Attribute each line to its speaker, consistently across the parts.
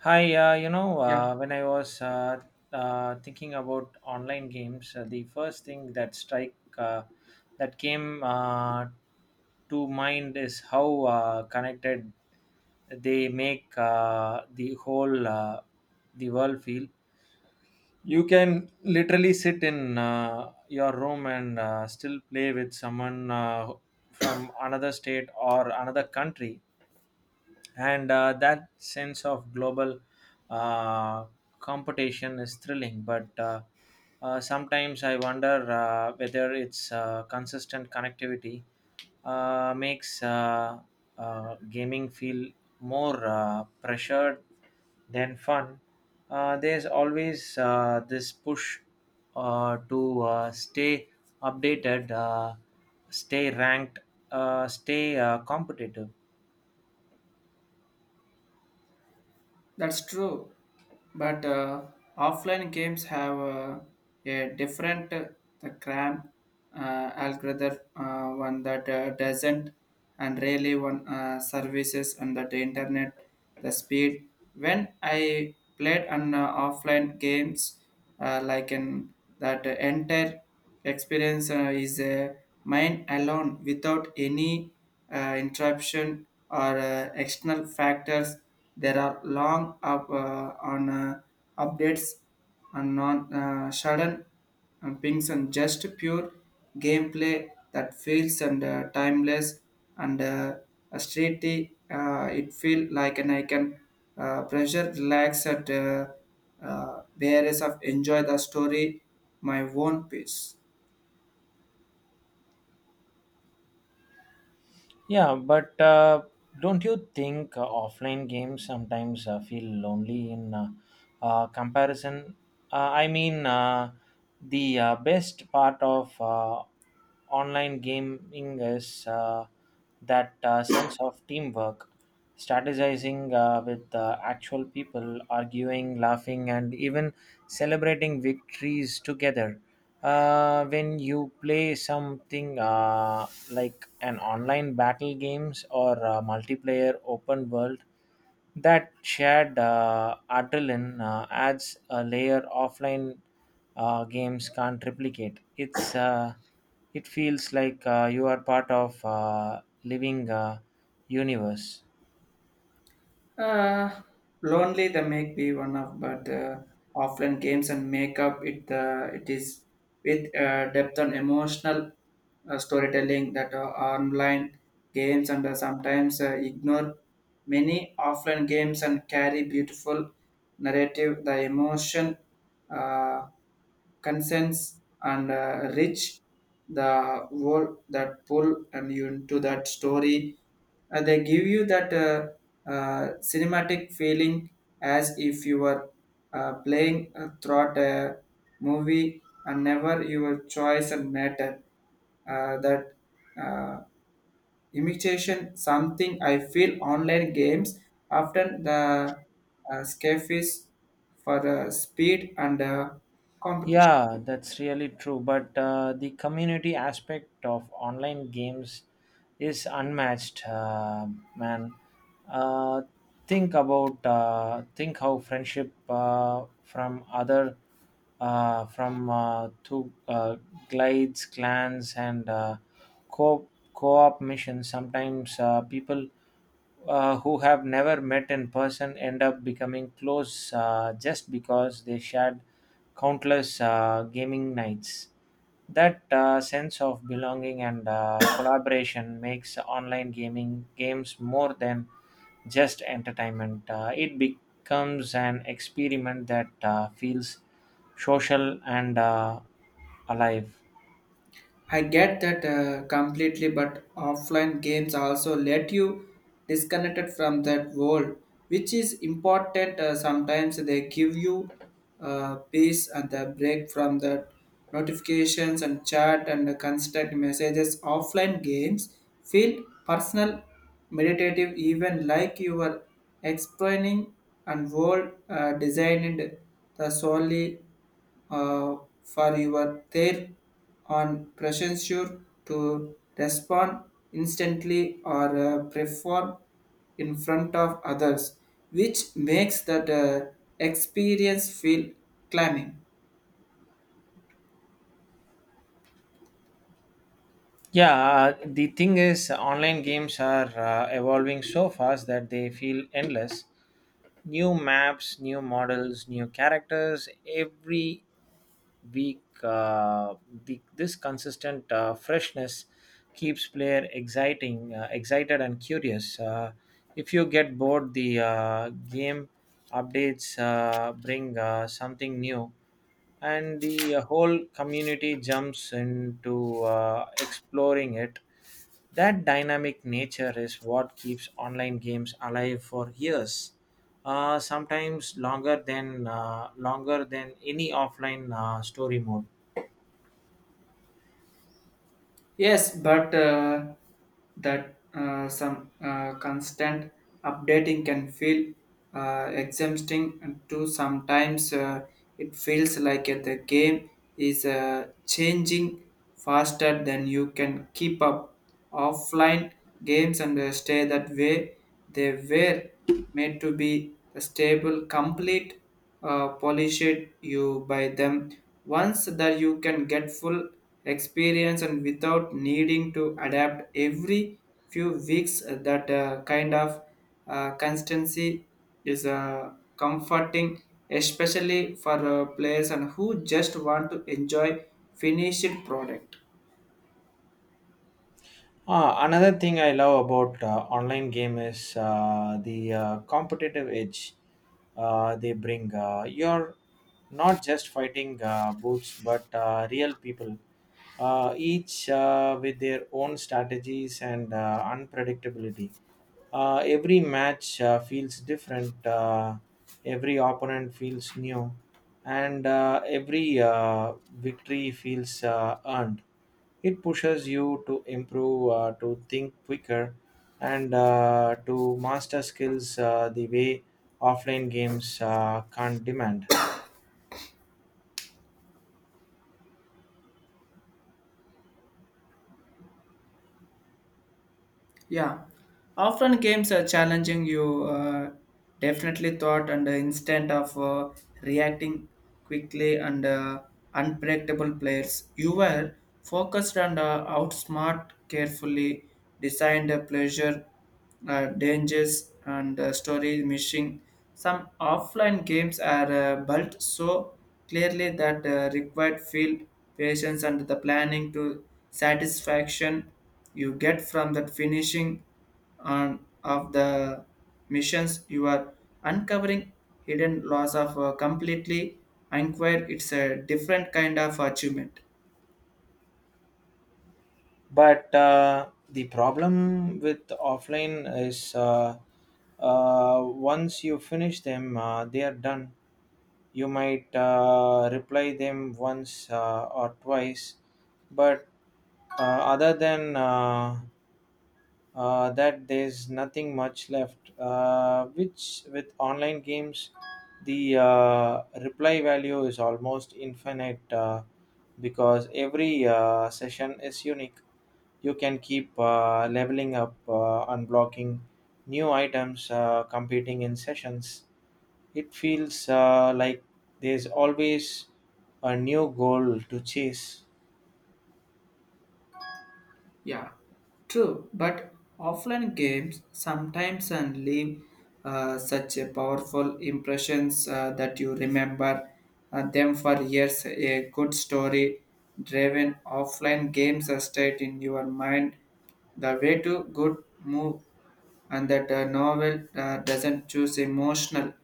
Speaker 1: Hi,
Speaker 2: Yeah,
Speaker 1: when I was thinking about online games, the first thing that strike uh, that came to mind is how connected they make the world feel. You can literally sit in your room and still play with someone from another state or another country, and that sense of global uh, competition is thrilling, but sometimes I wonder whether it's consistent connectivity makes gaming feel more pressured than fun. There's always this push to stay updated, stay ranked, stay competitive.
Speaker 2: that's true. But offline games have a different the cram algorithm one that doesn't and really one services and that the internet the speed. When I played on offline games, like an that entire experience is mine alone without any interruption or external factors there are long up on updates and non sudden brings and just pure gameplay that feels and timeless and a streety. It feel like and I can pressure relax at whereas of enjoy the story my own pace.
Speaker 1: Yeah, but don't you think offline games sometimes feel lonely in comparison? I mean, the best part of online gaming is that sense of teamwork, strategizing with actual people, arguing, laughing, and even celebrating victories together when you play something like an online battle games or multiplayer open world. That shared adrenaline adds a layer offline games can't replicate. It's it feels like you are part of living universe.
Speaker 2: Uh, lonely the make be one of but offline games and make up it it is with depth and emotional storytelling that online games and sometimes ignore many offline games and carry beautiful narrative the emotion uh, consents and rich the wall that pull and you into that story and they give you that cinematic feeling as if you were playing throughout a movie and never your choice and matter that uh, imitation something I feel online games often the scafies for speed and competition.
Speaker 1: Yeah, that's really true. But the community aspect of online games is unmatched, man. Uh, think how friendship from other from to glides, clans, and co co-op missions. Sometimes people who have never met in person end up becoming close just because they shared countless gaming nights. That sense of belonging and collaboration makes online gaming games more than just entertainment. It becomes an experiment that feels social and alive.
Speaker 2: I get that completely, but offline games also let you disconnected from that world, which is important. Sometimes they give you peace and a break from the notifications and chat and the constant messages. Offline games feel personal, meditative, even like you are explaining and world designed the solely uh, for your there on pressure to respond instantly or perform in front of others, which makes that experience feel climbing.
Speaker 1: Yeah, the thing is, online games are evolving so fast that they feel endless. New maps, new models, new characters, every week, this consistent freshness keeps player excited and curious. If you get bored, the game updates bring something new, and the whole community jumps into exploring it. That dynamic nature is what keeps online games alive for years, sometimes longer than any offline story mode.
Speaker 2: Yes, but that some constant updating can feel exhausting and too. Sometimes it feels like the game is changing faster than you can keep up offline games and stay that way. They were made to be a stable, complete, polished you by them once that you can get full experience and without needing to adapt every few weeks. That kind of constancy is comforting, especially for players and who just want to enjoy finished product.
Speaker 1: Ah, another thing I love about online game is the competitive edge they bring. You're not just fighting boots, but real people, each with their own strategies and unpredictability. Every match feels different. Every opponent feels new, and every victory feels earned. It pushes you to improve, to think quicker, and to master skills the way offline games can't demand.
Speaker 2: Yeah, often games are challenging you. Definitely thought and the instant of reacting quickly and unpredictable players. You were focused and outsmart carefully designed a pleasure dangers and story missing. Some offline games are built so clearly that required field patience and the planning to satisfaction you get from that finishing on of the missions you are uncovering hidden laws of completely inquire. It's a different kind of achievement.
Speaker 1: But the problem with offline is once you finish them, they are done. You might reply them once or twice, but other than that there's nothing much left. Which with online games, the reply value is almost infinite because every session is unique. You can keep leveling up, unblocking new items, competing in sessions. It feels like there's always a new goal to chase.
Speaker 2: Yeah, true. But offline games sometimes and leave such a powerful impressions that you remember them for years. A good story driven offline games are stayed in your mind. The way to good move and that a novel doesn't choose emotional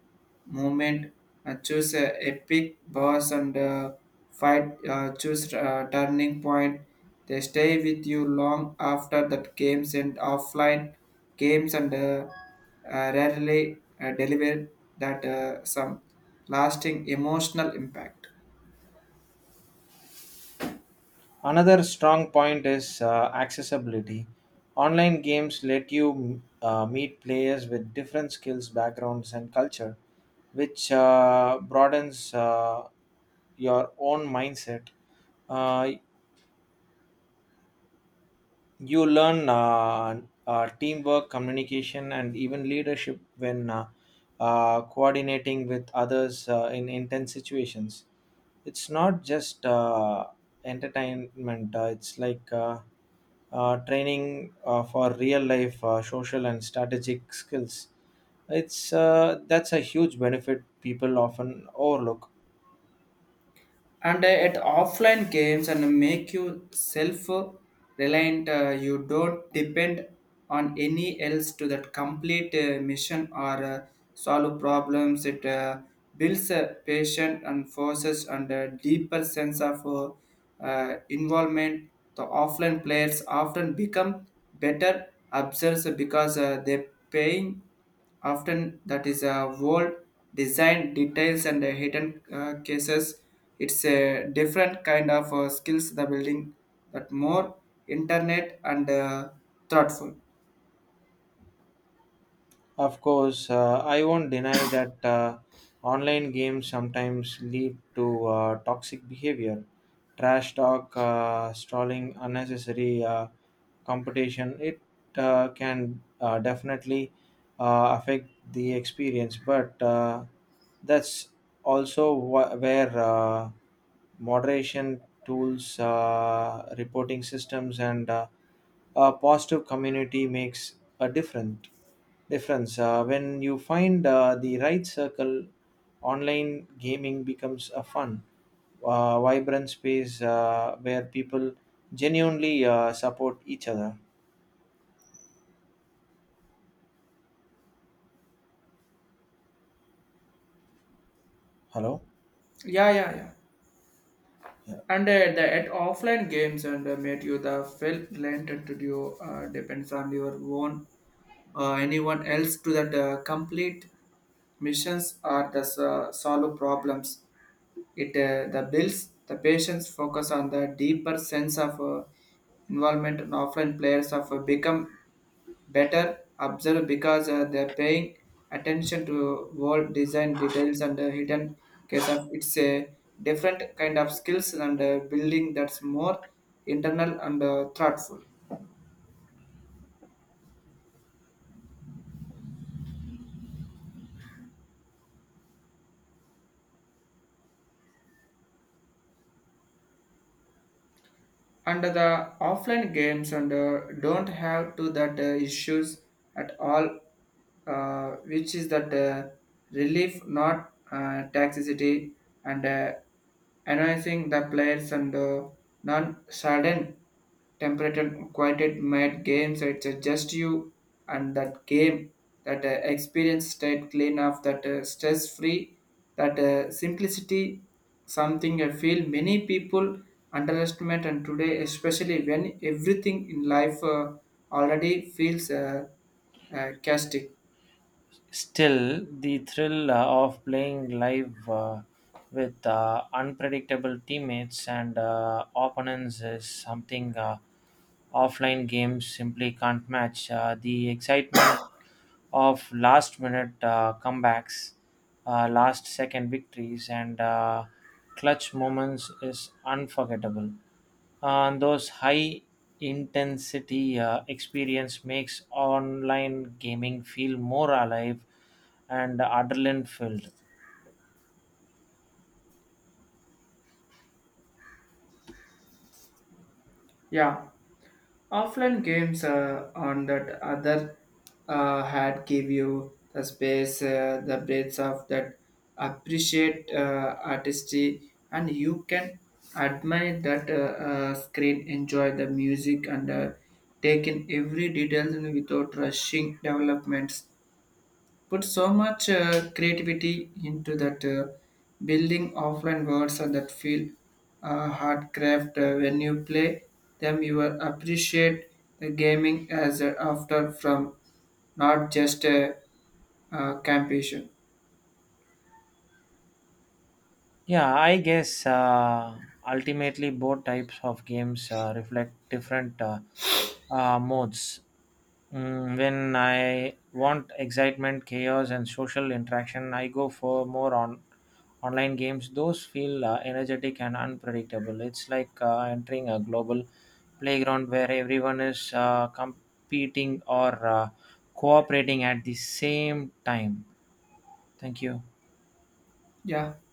Speaker 2: moment, choose a epic boss and fight, choose turning point. They stay with you long after that games and offline games and rarely deliver that some lasting emotional impact.
Speaker 1: Another strong point is accessibility. Online games let you meet players with different skills, backgrounds, and culture, which broadens your own mindset. Uh, you learn teamwork, communication, and even leadership when coordinating with others in intense situations. It's not just entertainment, it's like training for real life social and strategic skills. It's That's a huge benefit people often overlook.
Speaker 2: And At offline games and make you self reliant you don't depend on any else to that complete mission or solve problems. It builds a patient and forces and a deeper sense of involvement the offline players often become better observers because they paying Often that is a world design details and the hidden cases. It's a different kind of skills the building that more internet and thoughtful.
Speaker 1: Of course, I won't deny that online games sometimes lead to toxic behavior, trash talk, stalling, unnecessary competition. It can definitely affect the experience, but that's also where moderation tools, reporting systems, and a positive community makes a difference. When you find the right circle, online gaming becomes a fun, vibrant space where people genuinely support each other. Hello?
Speaker 2: Yeah, yeah, yeah.
Speaker 1: Yeah.
Speaker 2: And the at offline games and made you the felt learned to do depend from your own anyone else to that complete missions or the solve problems. It the builds the patients focus on the deeper sense of involvement and offline players of become better observe because they are paying attention to world design details and hidden case of it's a different kind of skills and building that's more internal and thoughtful. And the offline games and don't have to that issues at all which is that relief not toxicity and enhancing the players and non sudden temperature quieted mad games. It's just you and that game that experience stayed clean of that stress free that simplicity something I feel many people underestimate and today especially when everything in life already feels chaotic.
Speaker 1: Still, the thrill of playing live with unpredictable teammates and opponents is something offline games simply can't match. The excitement of last minute comebacks, last second victories, and clutch moments is unforgettable, and those high intensity experience makes online gaming feel more alive and adrenaline filled.
Speaker 2: Yeah, offline games on that other had give you the space, the breadth of that appreciate artistry, and you can admire that screen, enjoy the music, and take in every detail without rushing developments put so much creativity into that building offline words and that feel hard craft. When you play them you will appreciate the gaming as a after from not just a campation.
Speaker 1: Yeah, I guess ultimately both types of games reflect different modes. Mm, when I want excitement, chaos, and social interaction, I go for more on online games. Those feel energetic and unpredictable. It's like entering a global playground where everyone is competing or cooperating at the same time. Thank you.
Speaker 2: Yeah.